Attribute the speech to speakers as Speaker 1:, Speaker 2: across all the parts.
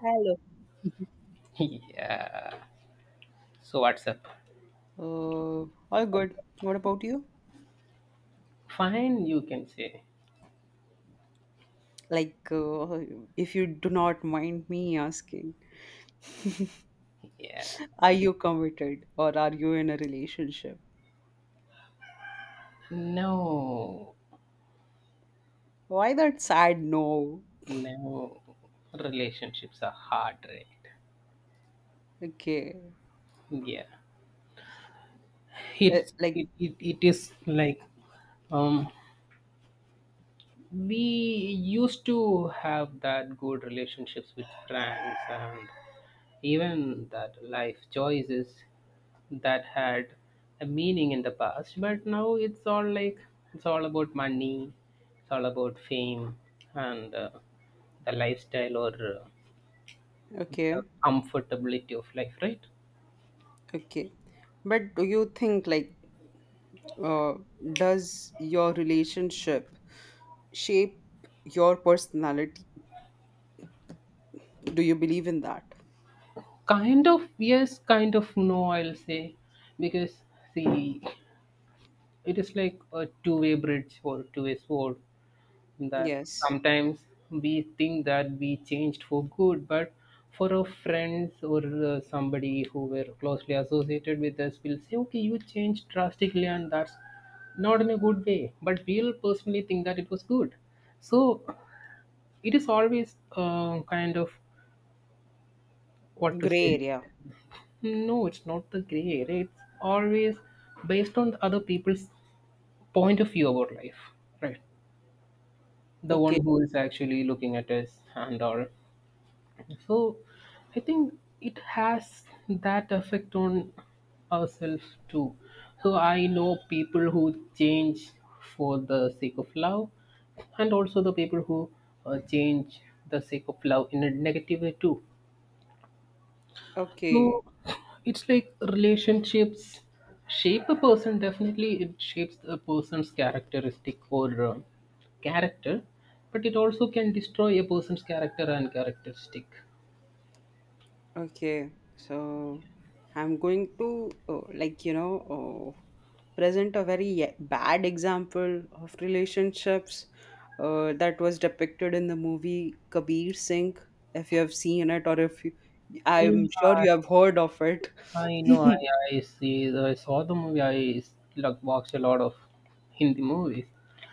Speaker 1: Hello.
Speaker 2: Yeah. So what's up?
Speaker 1: Uh, all good. What about you?
Speaker 2: Fine, you can say.
Speaker 1: Like, uh, if you do not mind me asking,
Speaker 2: Yeah.
Speaker 1: are
Speaker 2: It is
Speaker 1: you committed or are you in a relationship?
Speaker 2: No,
Speaker 1: Why that sad no?
Speaker 2: no. Relationships are hard, right?
Speaker 1: Okay.
Speaker 2: Yeah.
Speaker 1: Uh,
Speaker 2: It
Speaker 1: like,
Speaker 2: it, it, it is like um, we used to have that good relationships with friends, and even that life choices that had a meaning in the past, but now it's all like it's all about money, it's all about fame, and the lifestyle, or the
Speaker 1: okay,
Speaker 2: comfortability of life, right?
Speaker 1: okay. But do you think, uh, does your relationship shape your personality? Do you believe in that?
Speaker 2: Kind of yes, kind of no, I'll say, because, see, it is like a two-way bridge or two-way sword, that
Speaker 1: Yes.
Speaker 2: sometimes we think that we changed for good, but for our friends or somebody who were closely associated with us will say, okay, you changed drastically, and that's not in a good way. But we'll personally think that it was good. So it is always kind of what to
Speaker 1: Gray
Speaker 2: say.
Speaker 1: area.
Speaker 2: No, it's not the gray area. It's always based on the other people's point of view about life, right? The one
Speaker 1: Okay.
Speaker 2: who is actually looking at us and all. So I think it has that effect on ourselves too. So I know people who change for the sake of love, and also the people who change the sake of love in a negative way too.
Speaker 1: Okay.
Speaker 2: So it's like relationships shape a person. Definitely, it shapes a person's characteristic or character, but it also can destroy a person's character and characteristic.
Speaker 1: Okay, so I'm going to present a bad example of relationships that was depicted in the movie Kabir Singh. If you have seen it, or if you, I'm sure
Speaker 2: Yeah,
Speaker 1: you have heard of it.
Speaker 2: I know. I see. I saw the movie. I like watched a lot of Hindi movies,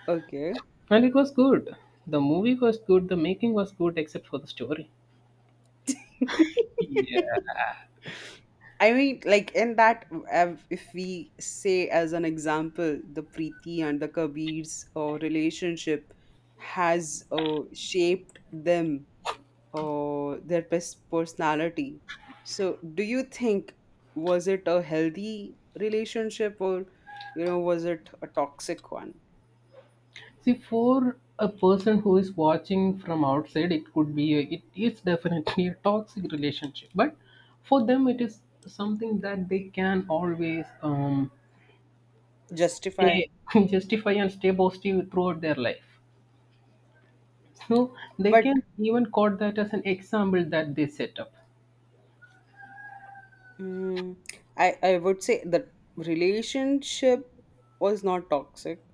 Speaker 1: okay.
Speaker 2: and it was good. The movie was good. The making was good, except for the story. Yeah.
Speaker 1: I mean, like in that, if we say as an example, the Preeti and the Kabir's relationship has shaped them, personality. So, do you think was it a healthy relationship or, you know, was it a toxic one?
Speaker 2: See, for a person who is watching from outside, it could be a, it is definitely a toxic relationship. But for them, it is something that they can always
Speaker 1: Justify,
Speaker 2: stay, justify and stay positive throughout their life. So they
Speaker 1: but
Speaker 2: can even quote that as an example that they set up.
Speaker 1: mm, I would say the relationship was not toxic.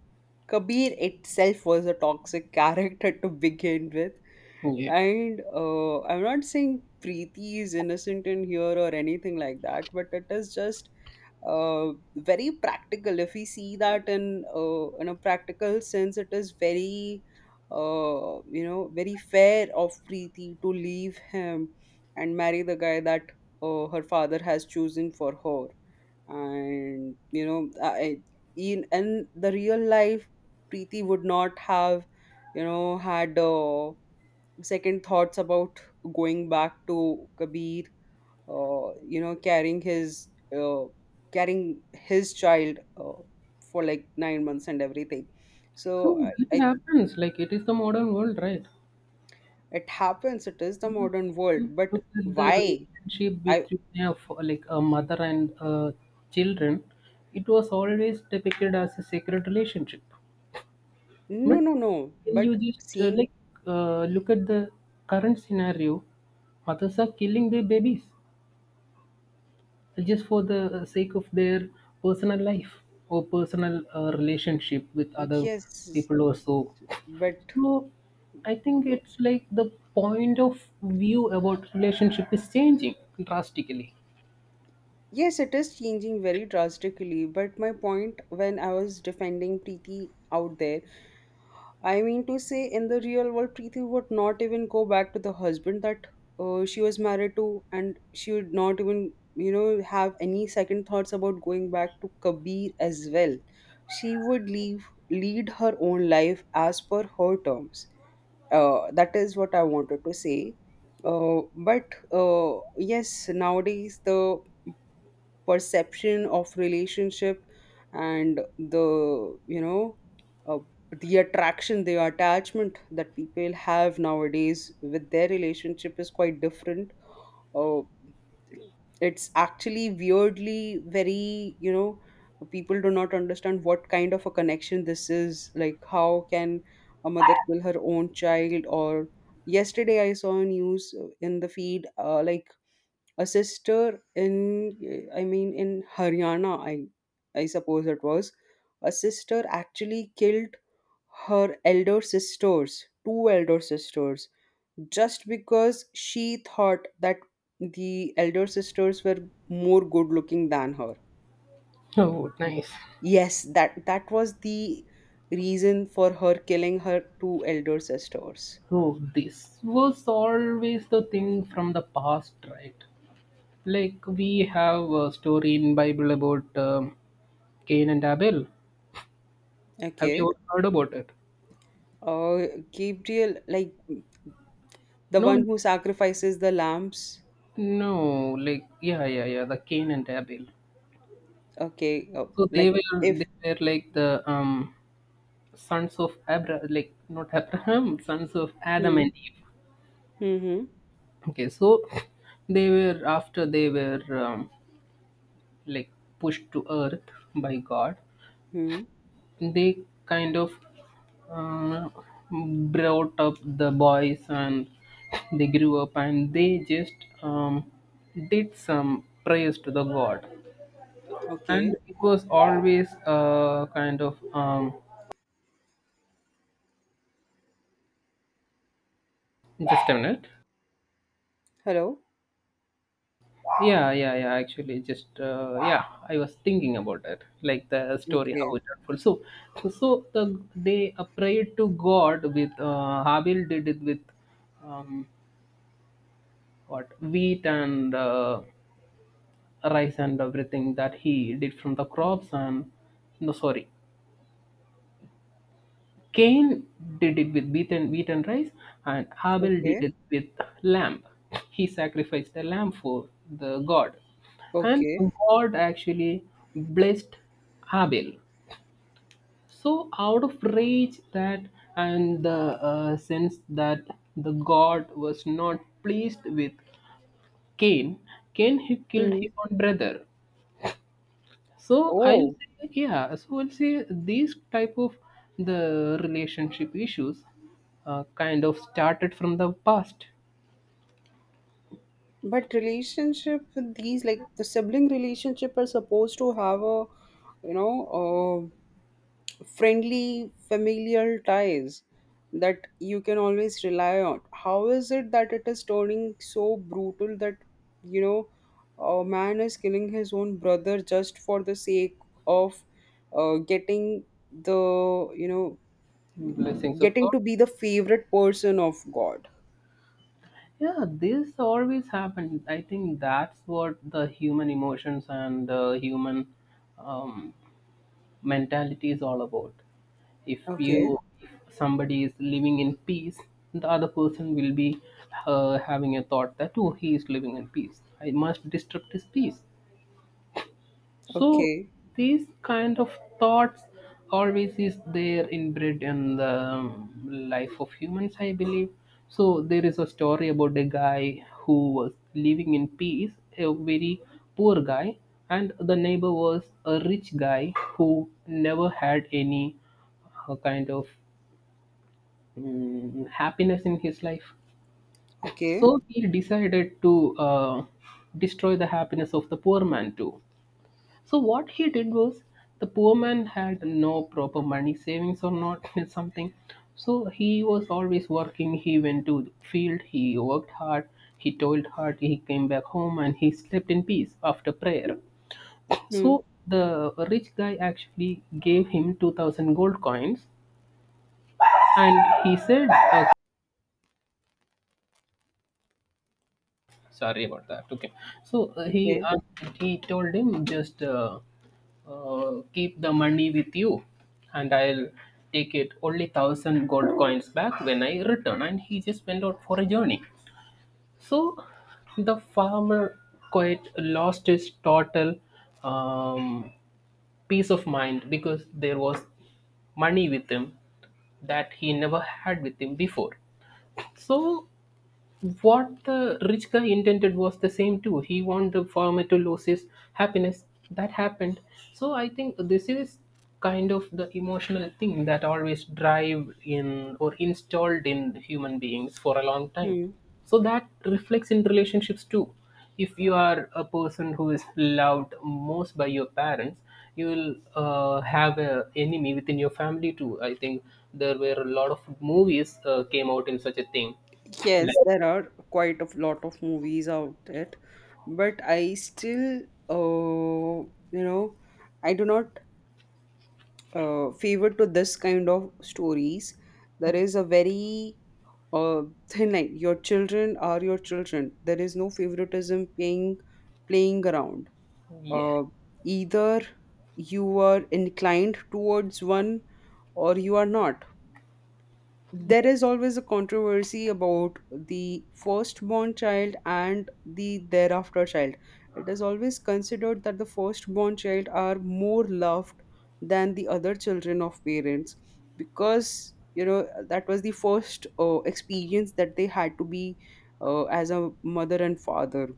Speaker 1: Kabir itself was a toxic character to begin with.
Speaker 2: Yeah.
Speaker 1: And I'm not saying Preeti is innocent in here or anything like that, but it is just very practical. If we see that in a practical sense, it is very very fair of Preeti to leave him and marry the guy that her father has chosen for her. And you know, I, In the real life, Preeti would not have had second thoughts about going back to Kabir uh, you know carrying his uh, carrying his child for like 9 months and everything
Speaker 2: So
Speaker 1: so I,
Speaker 2: it
Speaker 1: I
Speaker 2: happens, like it is the modern world, right?
Speaker 1: it happens it is the
Speaker 2: Even if
Speaker 1: modern world
Speaker 2: you
Speaker 1: but
Speaker 2: look at the
Speaker 1: why
Speaker 2: relationship
Speaker 1: I
Speaker 2: between a, f- like a mother and children. It was always depicted as a sacred relationship,
Speaker 1: no
Speaker 2: but
Speaker 1: no no
Speaker 2: when
Speaker 1: but
Speaker 2: you just
Speaker 1: seeing
Speaker 2: like look at the current scenario, mothers are killing their babies just for the sake of their personal life or personal relationship with other
Speaker 1: yes
Speaker 2: people or so.
Speaker 1: but
Speaker 2: So I think it's like the point of view about relationship is changing drastically.
Speaker 1: yes it is changing very drastically but my point when I was defending Preeti out there, I mean to say, in the real world, Preeti would not even go back to the husband that she was married to, and she would not even, you know, have any second thoughts about going back to Kabir as well. She would leave, lead her own life as per her terms. That is what I wanted to say. But Yes, nowadays the perception of relationship and the you know uh, the attachment that people have nowadays with their relationship is quite different. uh, it's actually weirdly very, you know, people do not understand what kind of a connection this is. Like, how can a mother kill her own child or yesterday I saw a news in the feed, a sister in, I mean, in Haryana, I suppose it was. A sister actually killed her elder sisters, two elder sisters, just because she thought that the elder sisters were more good looking than her.
Speaker 2: Oh, nice.
Speaker 1: Yes, that was the reason for her killing her two elder sisters.
Speaker 2: So this was always the thing from the past, right? Like we have a story in Bible about Cain and Abel. Have
Speaker 1: Okay.
Speaker 2: you heard about it?
Speaker 1: Uh gabriel like the one
Speaker 2: No,
Speaker 1: who sacrifices the lambs.
Speaker 2: no. Like yeah, yeah, yeah. The Cain and Abel.
Speaker 1: Okay, oh,
Speaker 2: So they
Speaker 1: like
Speaker 2: were
Speaker 1: if
Speaker 2: they were like the sons of Abra, like not Abraham, sons of Adam
Speaker 1: hmm,
Speaker 2: and Eve.
Speaker 1: hmm,
Speaker 2: Okay, so they were after they were like pushed to earth by God.
Speaker 1: hmm.
Speaker 2: They kind of uh, brought up the boys, and they grew up, and they just um, did some prayers to the God.
Speaker 1: Okay.
Speaker 2: And it was always kind of just a minute.
Speaker 1: Hello.
Speaker 2: Yeah, yeah, yeah. Actually, just yeah, I was thinking about it, like the story how
Speaker 1: Okay.
Speaker 2: it unfolds. So, so they prayed to God with Habil did it with um, what wheat and rice and everything that he did from the crops and no sorry Cain did it with beaten, wheaten rice, and Abel did
Speaker 1: Okay.
Speaker 2: it with lamb. He sacrificed a lamb for the God. And
Speaker 1: Okay.
Speaker 2: God actually blessed Abel. So, out of rage that and the sense that the God was not pleased with Cain, he killed
Speaker 1: Hmm.
Speaker 2: his own brother. So I'll
Speaker 1: Oh,
Speaker 2: say, yeah. So I'll say these type of the relationship issues kind of started from the past
Speaker 1: but relationship with these, like the sibling relationship, are supposed to have a, you know, friendly familial ties that you can always rely on. How is it that it is turning so brutal that, you know, a man is killing his own brother just for the sake of getting the you know
Speaker 2: blessings of
Speaker 1: getting
Speaker 2: God.
Speaker 1: to be the favorite person of God.
Speaker 2: Yeah, this always happened. I think that's what the human emotions and the human um, mentality is all about. If
Speaker 1: Okay.
Speaker 2: you if somebody is living in peace, the other person will be having a thought that oh he is living in peace. I must disrupt his peace. So
Speaker 1: Okay.
Speaker 2: these kind of thoughts always is there inbred in the life of humans, I believe. So there is a story about a guy who was living in peace, a very poor guy, and the neighbor was a rich guy who never had any kind of happiness in his life.
Speaker 1: Okay.
Speaker 2: So he decided to destroy the happiness of the poor man too. So what he did was the poor man had no proper money savings or not something. So he was always working. He went to the field. He worked hard. He toiled hard. He came back home and he slept in peace after prayer.
Speaker 1: Hmm.
Speaker 2: So the rich guy actually gave him 2,000 gold coins, and he said. Sorry about that. Okay. So he
Speaker 1: Okay.
Speaker 2: asked, he told him just keep the money with you, and I'll take it only thousand gold coins back when I return. And he just went out for a journey. So the farmer quite lost his total um, peace of mind because there was money with him that he never had with him before. So what the rich guy intended was the same too. He wanted the farmer to lose his happiness. That happened. So I think this is kind of the emotional thing that always drive in or installed in human beings for a long time.
Speaker 1: Hmm.
Speaker 2: So that reflects in relationships too. If you are a person who is loved most by your parents, you will have a enemy within your family too. I think there were a lot of movies came out in such a thing.
Speaker 1: Yes,
Speaker 2: Like
Speaker 1: there are quite a lot of movies out there, but I still, uh, you know, I do not favor to this kind of stories. There is a very uh, thin line. Your children are your children. There is no favoritism playing around.
Speaker 2: yeah.
Speaker 1: Uh, either you are inclined towards one or you are not.
Speaker 2: Yeah.
Speaker 1: There is always a controversy about the firstborn child and the thereafter child. It is always considered that the firstborn child are more loved than the other children of parents, because you know that was the first experience that they had to be as a mother and father.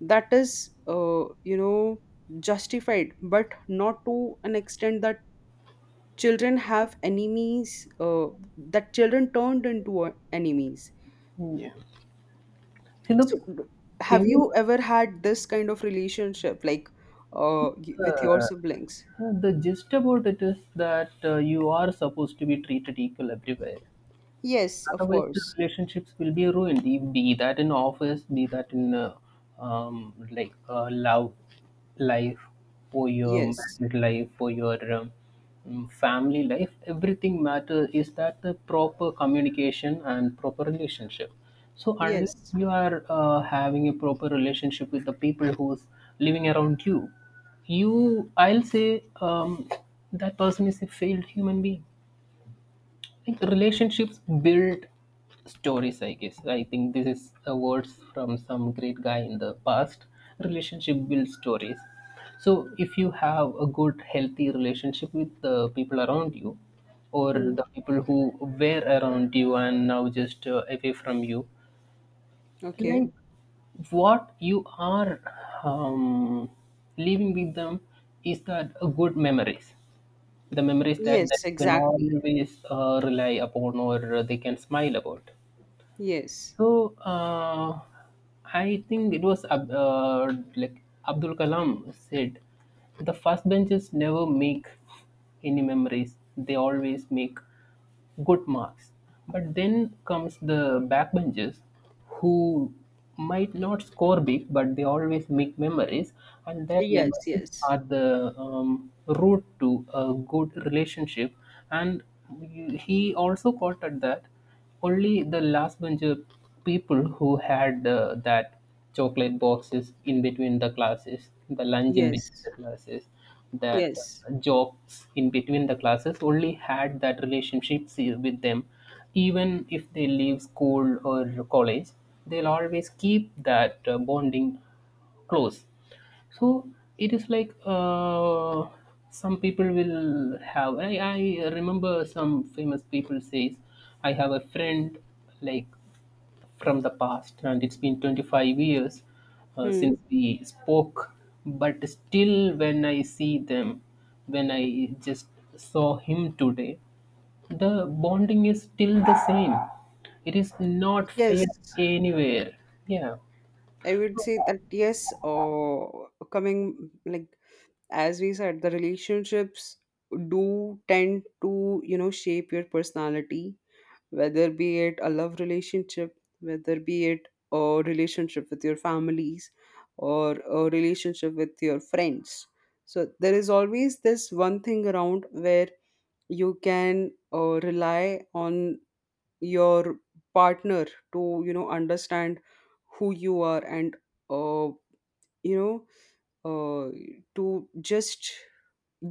Speaker 1: That is, you know, justified, but not to an extent that children have enemies, that children turned into enemies.
Speaker 2: Yeah. See,
Speaker 1: So
Speaker 2: the
Speaker 1: have
Speaker 2: thing,
Speaker 1: you ever had this kind of relationship, like, with your
Speaker 2: uh,
Speaker 1: siblings?
Speaker 2: the gist about it is that you are supposed to be treated equal everywhere.
Speaker 1: Yes, of
Speaker 2: Otherwise the
Speaker 1: course.
Speaker 2: relationships will be ruined, be that in office, be that in like love life, for your
Speaker 1: Yes.
Speaker 2: married life, for your family life, everything matters is that the proper communication and proper relationship. So
Speaker 1: Yes.
Speaker 2: unless you are having a proper relationship with the people who's living around you, you I'll say that person is a failed human being. Think relationships build stories, I guess. I think this is a words from some great guy in the past. Relationship builds stories. So if you have a good healthy relationship with the people around you, or
Speaker 1: Hmm.
Speaker 2: the people who were around you and now just away from you,
Speaker 1: Okay.
Speaker 2: like what you are um, leaving with them, is that a good memories, the memories that
Speaker 1: Yes,
Speaker 2: they can
Speaker 1: exactly.
Speaker 2: always rely upon or they can smile about.
Speaker 1: Yes.
Speaker 2: So I think it was Ab- like Abdul Kalam said, the first benches never make any memories. They always make good marks. But then comes the backbenchers who might not score big, but they always make memories, and that
Speaker 1: Yes.
Speaker 2: memories
Speaker 1: Yes.
Speaker 2: are the root to a good relationship. And he also quoted that only the last bunch of people who had that chocolate boxes in between the classes, the lunch in
Speaker 1: Yes.
Speaker 2: between the classes, that
Speaker 1: Yes.
Speaker 2: jokes in between the classes only had that relationship with them. Even if they leave school or college, they'll always keep that bonding close. So it is like some people will have I remember some famous people says I have a friend like from the past, and it's been 25 years
Speaker 1: Hmm.
Speaker 2: since we spoke, but still when I see them, when I just saw him today, the bonding is still the same. It is not
Speaker 1: Yes,
Speaker 2: fade anywhere. Yeah.
Speaker 1: I would say that, yes, coming like as we said, the relationships do tend to, you know, shape your personality, whether be it a love relationship, whether be it a relationship with your families, or a relationship with your friends. So there is always this one thing around where you can rely on your partner to, you know, understand who you are and uh, you know uh, to just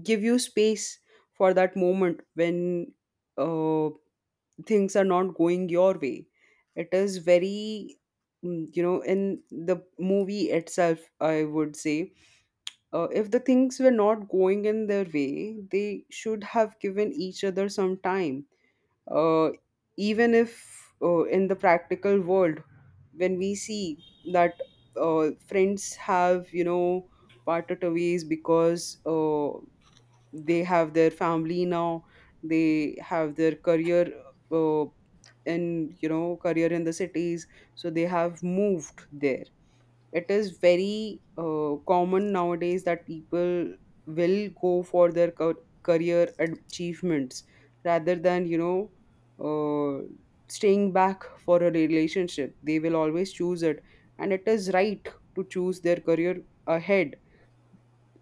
Speaker 1: give you space for that moment when uh, things are not going your way. It is very, mm, you know, in the movie itself, I would say, if the things were not going in their way, they should have given each other some time. Uh, even if in the practical world, when we see that friends have, you know, parted ways because they have their family now, they have their career uh, in you know career in the cities, so they have moved there. It is very common nowadays that people will go for their career achievements rather than, uh, staying back for a relationship. They will always choose it, and it is right to choose their career ahead,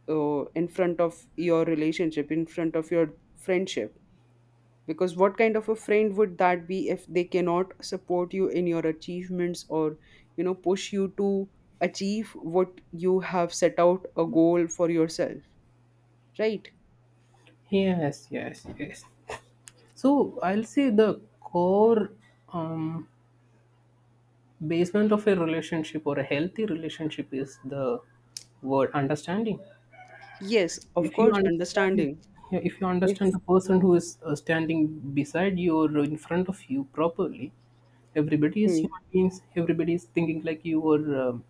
Speaker 1: in front of your relationship, in front of your friendship. Because what kind of a friend would that be if they cannot support you in your achievements or, you know, push you to achieve what you have set out a goal for yourself, right?
Speaker 2: Yes, yes, yes. So I'll say the core um, basement of a relationship or a healthy relationship is the word understanding.
Speaker 1: Yes, of
Speaker 2: If you
Speaker 1: course,
Speaker 2: understand,
Speaker 1: understanding.
Speaker 2: yeah, if you understand
Speaker 1: If,
Speaker 2: the person who is standing beside you or in front of you properly, everybody is
Speaker 1: hmm,
Speaker 2: human beings, everybody is thinking like you, or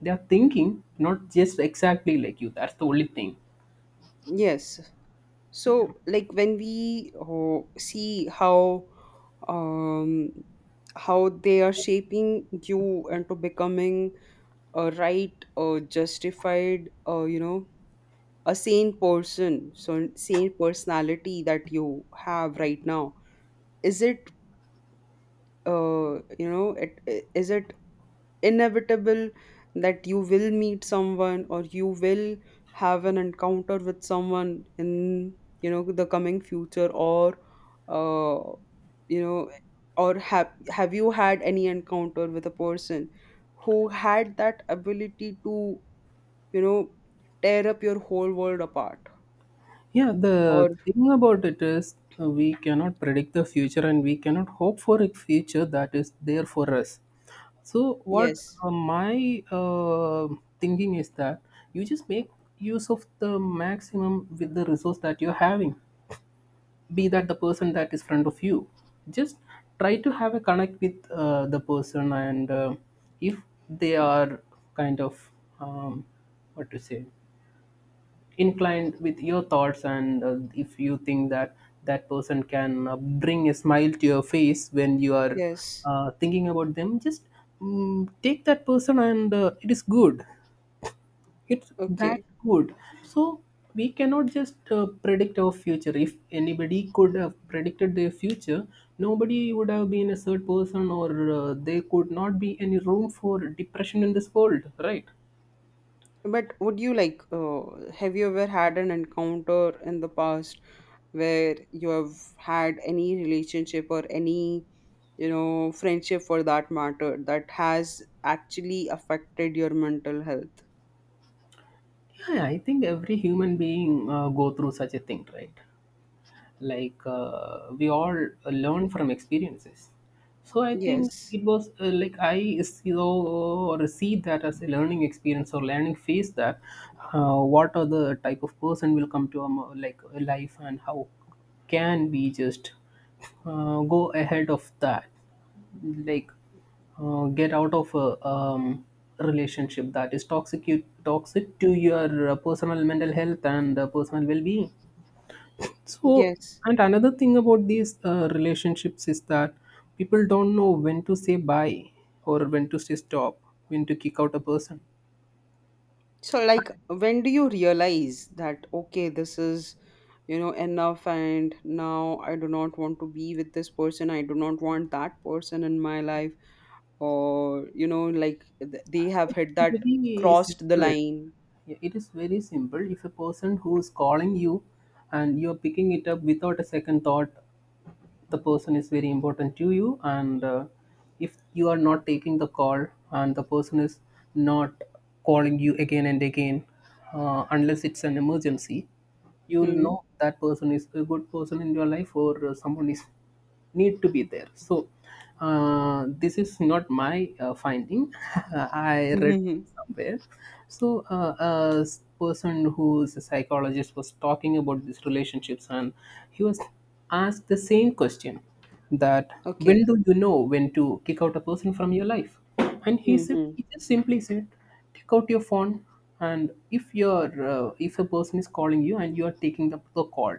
Speaker 2: they are thinking not just exactly like you, that's the only thing.
Speaker 1: yes. So, like, when we see um, how they are shaping you into becoming a right or justified, a sane person, so sane personality that you have right now, is it uh, is it inevitable that you will meet someone or you will have an encounter with someone in, you know, the coming future, or uh, you know or have you had any encounter with a person who had that ability to, you know, tear up your whole world apart.
Speaker 2: Yeah,
Speaker 1: Or
Speaker 2: the thing about it is we cannot predict the future and we cannot hope for a future that is there for us. So, what
Speaker 1: yes,
Speaker 2: my thinking is that you just make use of the maximum with the resource that you're having, be that the person that is front of you. Just try to have a connect with the person, and if they are kind of um, what to say inclined with your thoughts, and if you think that that person can bring a smile to your face when you are
Speaker 1: yes,
Speaker 2: thinking about them, just take that person, and it is good, it's that
Speaker 1: okay.
Speaker 2: good. So we cannot just predict our future. If anybody could have predicted their future, nobody would have been a third person, or there could not be any room for depression in this world, right?
Speaker 1: But would you like, have you ever had an encounter in the past where you have had any relationship or any, you know, friendship for that matter that has actually affected your mental health?
Speaker 2: Yeah, I think every human being go through such a thing, right? Like, we all learn from experiences. So I think
Speaker 1: Yes,
Speaker 2: it was like I saw or see that as a learning experience or learning phase, that what are the type of person will come to like a life, and how can we just go ahead of that, like get out of a relationship that is toxic, you toxic to your personal mental health and personal well-being. So,
Speaker 1: yes.
Speaker 2: and another thing about these relationships is that people don't know when to say bye, or when to say stop, when to kick out a person.
Speaker 1: So, like, when do you realize that, okay, this is, you know, enough, and now I do not want to be with this person, I do not want that person in my life, or, you know, like they have hit
Speaker 2: It's
Speaker 1: that
Speaker 2: very
Speaker 1: crossed the
Speaker 2: simple.
Speaker 1: line.
Speaker 2: Yeah, it is very simple. If a person who is calling you and you're picking it up without a second thought, the person is very important to you. And if you are not taking the call and the person is not calling you again and again, unless it's an emergency, you will
Speaker 1: Hmm.
Speaker 2: know that person is a good person in your life, or someone is need to be there. So this is not my finding I read
Speaker 1: Mhm.
Speaker 2: somewhere. So a person who is a psychologist was talking about these relationships, and he was asked the same question, that when
Speaker 1: Okay.
Speaker 2: do you know when to kick out a person from your life. And he said,
Speaker 1: Hmm.
Speaker 2: he just simply said, take out your phone. And if a person is calling you and you are taking up the call,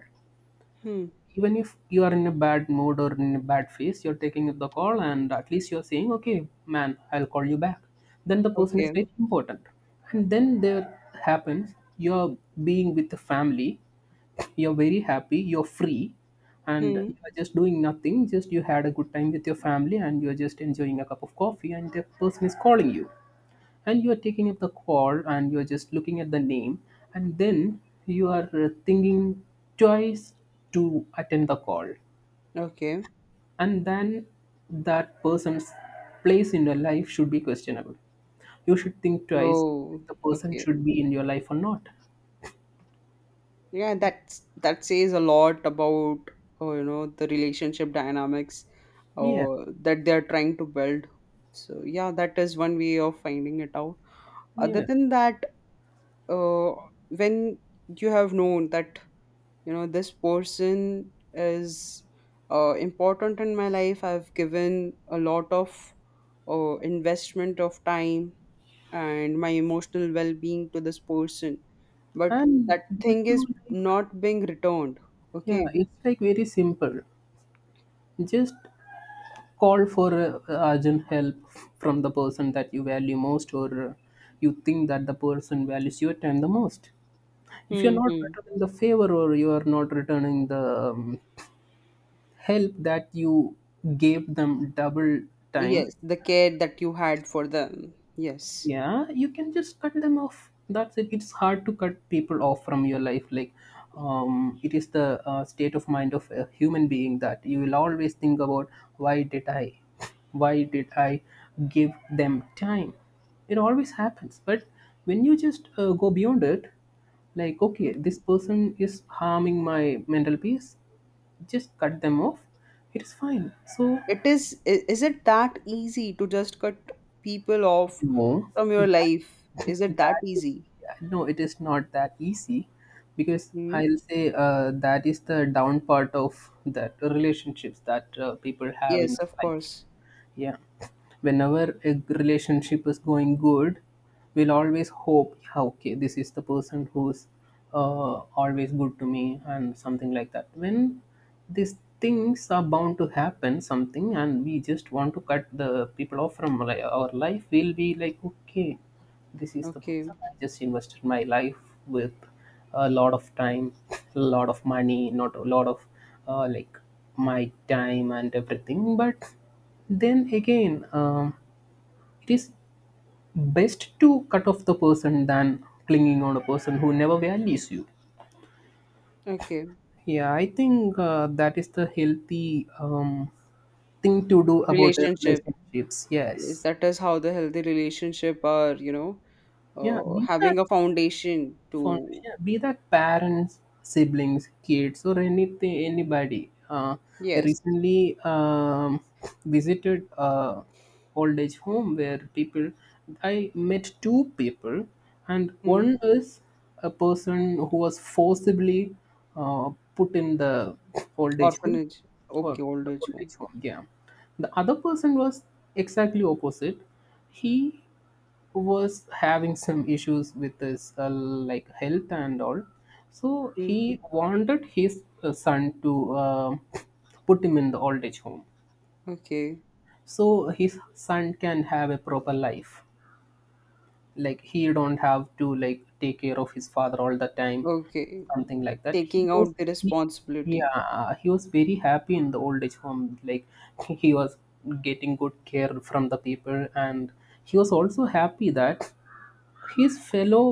Speaker 1: Hmm.
Speaker 2: even if you are in a bad mood or in a bad phase, you're taking the call, and at least you're saying, okay man, I'll call you back, then the person is very
Speaker 1: Okay.
Speaker 2: important. And then there happens, you're being with the family, you're very happy, you're free, and
Speaker 1: Hmm.
Speaker 2: you're just doing nothing, just you had a good time with your family and you're just enjoying a cup of coffee, and the person is calling you, and you are taking up the call and you are just looking at the name, and then you are thinking twice to attend the call,
Speaker 1: Okay.
Speaker 2: and then that person's place in your life should be questionable. You should think twice
Speaker 1: Oh.
Speaker 2: if the person
Speaker 1: Okay.
Speaker 2: should be in your life or not.
Speaker 1: Yeah, that's, that says a lot about, oh, you know, the relationship dynamics
Speaker 2: Yeah,
Speaker 1: or that they're trying to build. So yeah, that is one way of finding it out. Other
Speaker 2: yeah,
Speaker 1: than that, uh, when you have known that, you know, this person is important in my life, I've given a lot of investment of time and my emotional well-being to this person, but
Speaker 2: and
Speaker 1: that
Speaker 2: that
Speaker 1: thing is
Speaker 2: too, like.
Speaker 1: not being returned.
Speaker 2: Yeah,
Speaker 1: Okay.
Speaker 2: it's like very simple. Just call for urgent help from the person that you value most, or you think that the person values your time the most. If you're not
Speaker 1: Hmm.
Speaker 2: returning the favor, or you are not returning the um, help that you gave them double time.
Speaker 1: Yes, the care that you had for them, yes.
Speaker 2: Yeah, you can just cut them off. That's it. It's hard to cut people off from your life. Like, it is the state of mind of a human being, that you will always think about, why did i why did I give them time. It always happens. But when you just go beyond it, like, okay, this person is harming my mental peace, just cut them off, it is fine. So
Speaker 1: it, is is it that easy to just cut people off
Speaker 2: no,
Speaker 1: from your life?
Speaker 2: that,
Speaker 1: Is it that
Speaker 2: that is.
Speaker 1: easy?
Speaker 2: No, it is not that easy, because
Speaker 1: Mm.
Speaker 2: I'll say that is the down part of that relationships that people have in
Speaker 1: Yes, of
Speaker 2: life.
Speaker 1: course.
Speaker 2: Yeah. Whenever a relationship is going good, we'll always hope, yeah, okay, this is the person who's always good to me and something like that. When these things are bound to happen, something, and we just want to cut the people off from our life, we'll be like, okay, this is the person
Speaker 1: Okay.
Speaker 2: I just invested my life with, a lot of time, a lot of money, not a lot of like my time and everything, but then again, it is best to cut off the person than clinging on a person who never values you.
Speaker 1: Okay.
Speaker 2: Yeah, I think that is the healthy thing to do about the
Speaker 1: Relationship.
Speaker 2: relationships.
Speaker 1: Yes,
Speaker 2: Yes.
Speaker 1: that is how the healthy relationship are, you know,
Speaker 2: Yeah, be
Speaker 1: having
Speaker 2: that
Speaker 1: a foundation to,
Speaker 2: Formation, be that parents, siblings, kids, or anything, anybody. I
Speaker 1: yes.
Speaker 2: recently visited a old age home where people, I met two people, and
Speaker 1: Mm.
Speaker 2: one is a person who was forcibly uh, put in the old age home,
Speaker 1: Orphanage.
Speaker 2: or
Speaker 1: Okay, old
Speaker 2: the
Speaker 1: age
Speaker 2: old
Speaker 1: home.
Speaker 2: age home. Yeah, the other person was exactly opposite. He who was having some issues with his like health and all, so he
Speaker 1: Mm.
Speaker 2: wanted his son to put him in the old age home
Speaker 1: Okay.
Speaker 2: so his son can have a proper life, like he don't have to like take care of his father all the time,
Speaker 1: Okay.
Speaker 2: something like that. He
Speaker 1: Taking
Speaker 2: was
Speaker 1: out the
Speaker 2: very,
Speaker 1: responsibility.
Speaker 2: yeah, he was very happy in the old age home, like, he was getting good care from the people, and he was also happy that his fellow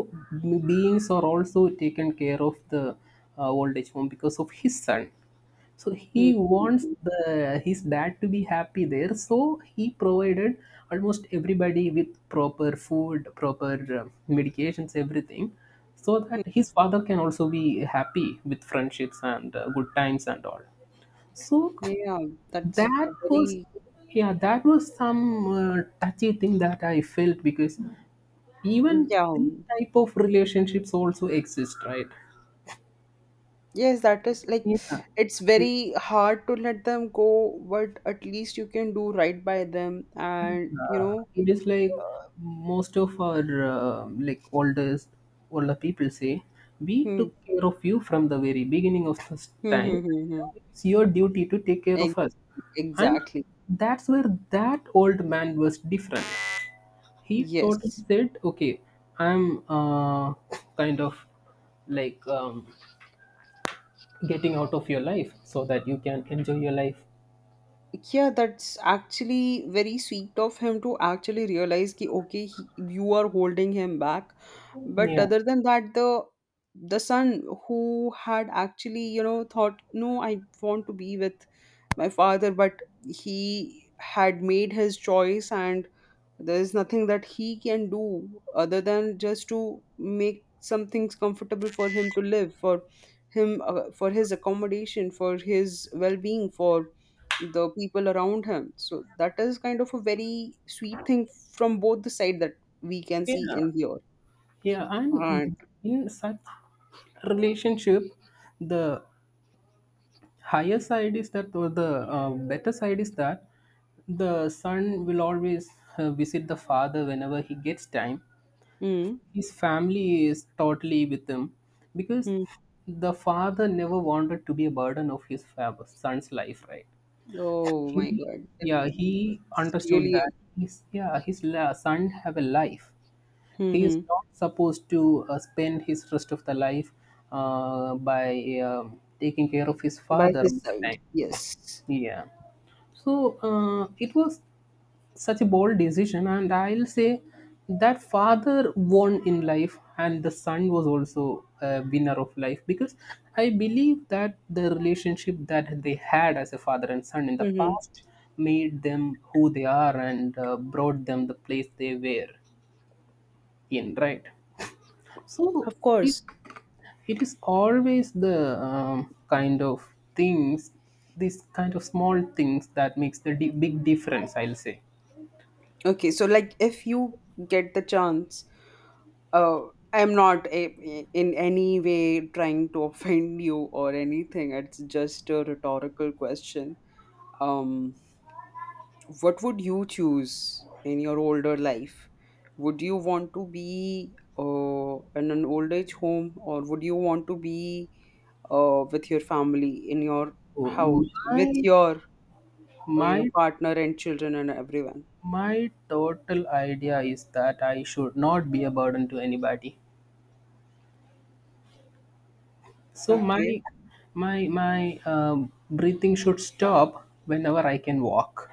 Speaker 2: beings are also taken care of the old age home because of his son. So he
Speaker 1: Mm.
Speaker 2: wants
Speaker 1: Mm.
Speaker 2: the his dad to be happy there. So he provided almost everybody with proper food, proper uh, medications, everything, so that his father can also be happy with friendships and good times and all. So
Speaker 1: Yeah, that's
Speaker 2: that
Speaker 1: a
Speaker 2: was,
Speaker 1: very,
Speaker 2: yeah, that was some touchy thing that I felt, because even
Speaker 1: yeah.
Speaker 2: this type of relationships also exist, right?
Speaker 1: Yes, that is like
Speaker 2: Yeah,
Speaker 1: it's
Speaker 2: it,
Speaker 1: very hard to let them go, but at least you can do right by them, and you
Speaker 2: uh,
Speaker 1: know,
Speaker 2: it is like
Speaker 1: uh,
Speaker 2: most of our like oldest older people say, we
Speaker 1: hmm,
Speaker 2: took care of you from the very beginning of this
Speaker 1: hmm,
Speaker 2: time,
Speaker 1: hmm, hmm,
Speaker 2: now
Speaker 1: hmm.
Speaker 2: it's your duty to take care
Speaker 1: Ex-
Speaker 2: of us. And
Speaker 1: Exactly.
Speaker 2: that's where that old man was different. He totally
Speaker 1: Yes.
Speaker 2: said, okay, I'm kind of like getting out of your life so that you can enjoy your life.
Speaker 1: Yeah, that's actually very sweet of him to actually realize ki, okay he, you are holding him back, but
Speaker 2: Yeah,
Speaker 1: other than that, the son who had actually, you know, thought no, I want to be with my father, but he had made his choice, and there is nothing that he can do other than just to make some things comfortable for him to live for him, for his accommodation, for his well-being, for the people around him. So that is kind of a very sweet thing from both the side that we can see
Speaker 2: yeah,
Speaker 1: in here.
Speaker 2: yeah.
Speaker 1: And
Speaker 2: And in such relationship, the higher side is that, or the better side is that, the son will always visit the father whenever he gets time.
Speaker 1: mm,
Speaker 2: His family is totally with him, because
Speaker 1: mm,
Speaker 2: the father never wanted to be a burden of his son's life, right?
Speaker 1: oh my
Speaker 2: He,
Speaker 1: God,
Speaker 2: yeah, he
Speaker 1: it's
Speaker 2: understood that
Speaker 1: really
Speaker 2: his, yeah, his son have a life. He is
Speaker 1: mm-hmm,
Speaker 2: not supposed to spend his rest of the life by taking care of his
Speaker 1: by
Speaker 2: father
Speaker 1: his
Speaker 2: all the
Speaker 1: side,
Speaker 2: time.
Speaker 1: yes.
Speaker 2: Yeah. So it was such a bold decision, and I'll say that father won in life, and the son was also a winner of life, because I believe that the relationship that they had as a father and son in the
Speaker 1: Mm-hmm,
Speaker 2: past made them who they are, and brought them the place they were in, right? So
Speaker 1: of
Speaker 2: it is,
Speaker 1: course.
Speaker 2: it is always the kind of things, these kind of small things that makes the big difference, I'll say.
Speaker 1: Okay, so like, if you get the chance, uh, I'm not a, in any way trying to offend you or anything. It's just a rhetorical question. Um, what would you choose in your older life? Would you want to be in an old age home, or would you want to be with your family in your
Speaker 2: Oh,
Speaker 1: house with
Speaker 2: my
Speaker 1: your,
Speaker 2: my
Speaker 1: partner and children and everyone?
Speaker 2: my total idea is that I should not be a burden to anybody. So
Speaker 1: Okay.
Speaker 2: my breathing should stop whenever I can walk.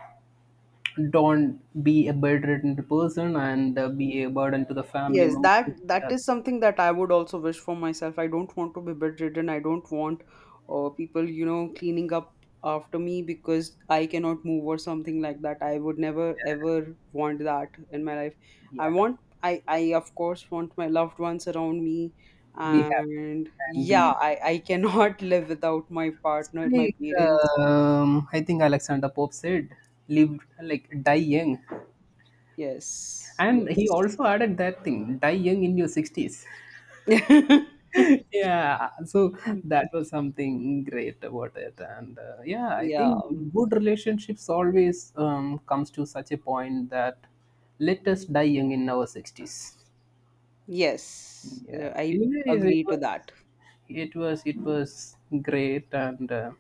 Speaker 2: Don't be a bedridden person and be a burden to the family
Speaker 1: Yes,
Speaker 2: member.
Speaker 1: that that is something that I would also wish for myself. I don't want to be bedridden. I don't want people, you know, cleaning up after me because I cannot move or something like that. I would never ever want that in my life. I
Speaker 2: Yeah.
Speaker 1: want, I of course want my loved ones around me,
Speaker 2: Be happy
Speaker 1: and
Speaker 2: and
Speaker 1: yeah,
Speaker 2: be,
Speaker 1: I cannot live without my
Speaker 2: it's
Speaker 1: partner, my
Speaker 2: like,
Speaker 1: parents.
Speaker 2: I think Alexander Pope said, live like, die young.
Speaker 1: Yes.
Speaker 2: And he also
Speaker 1: Yes.
Speaker 2: added that thing, die young in your 60s. Yeah, so that was something great about it, and yeah, I
Speaker 1: Yeah.
Speaker 2: think good relationships always comes to such a point that let us die young in our 60s.
Speaker 1: Yes.
Speaker 2: Yeah,
Speaker 1: I
Speaker 2: anyways, it
Speaker 1: agree to
Speaker 2: was,
Speaker 1: that.
Speaker 2: it was great, and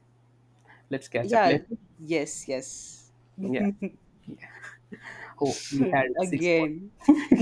Speaker 2: let's catch up
Speaker 1: Yeah.
Speaker 2: later.
Speaker 1: Yes, yes.
Speaker 2: Yeah. Yeah. Oh, we had six. More.
Speaker 1: Again.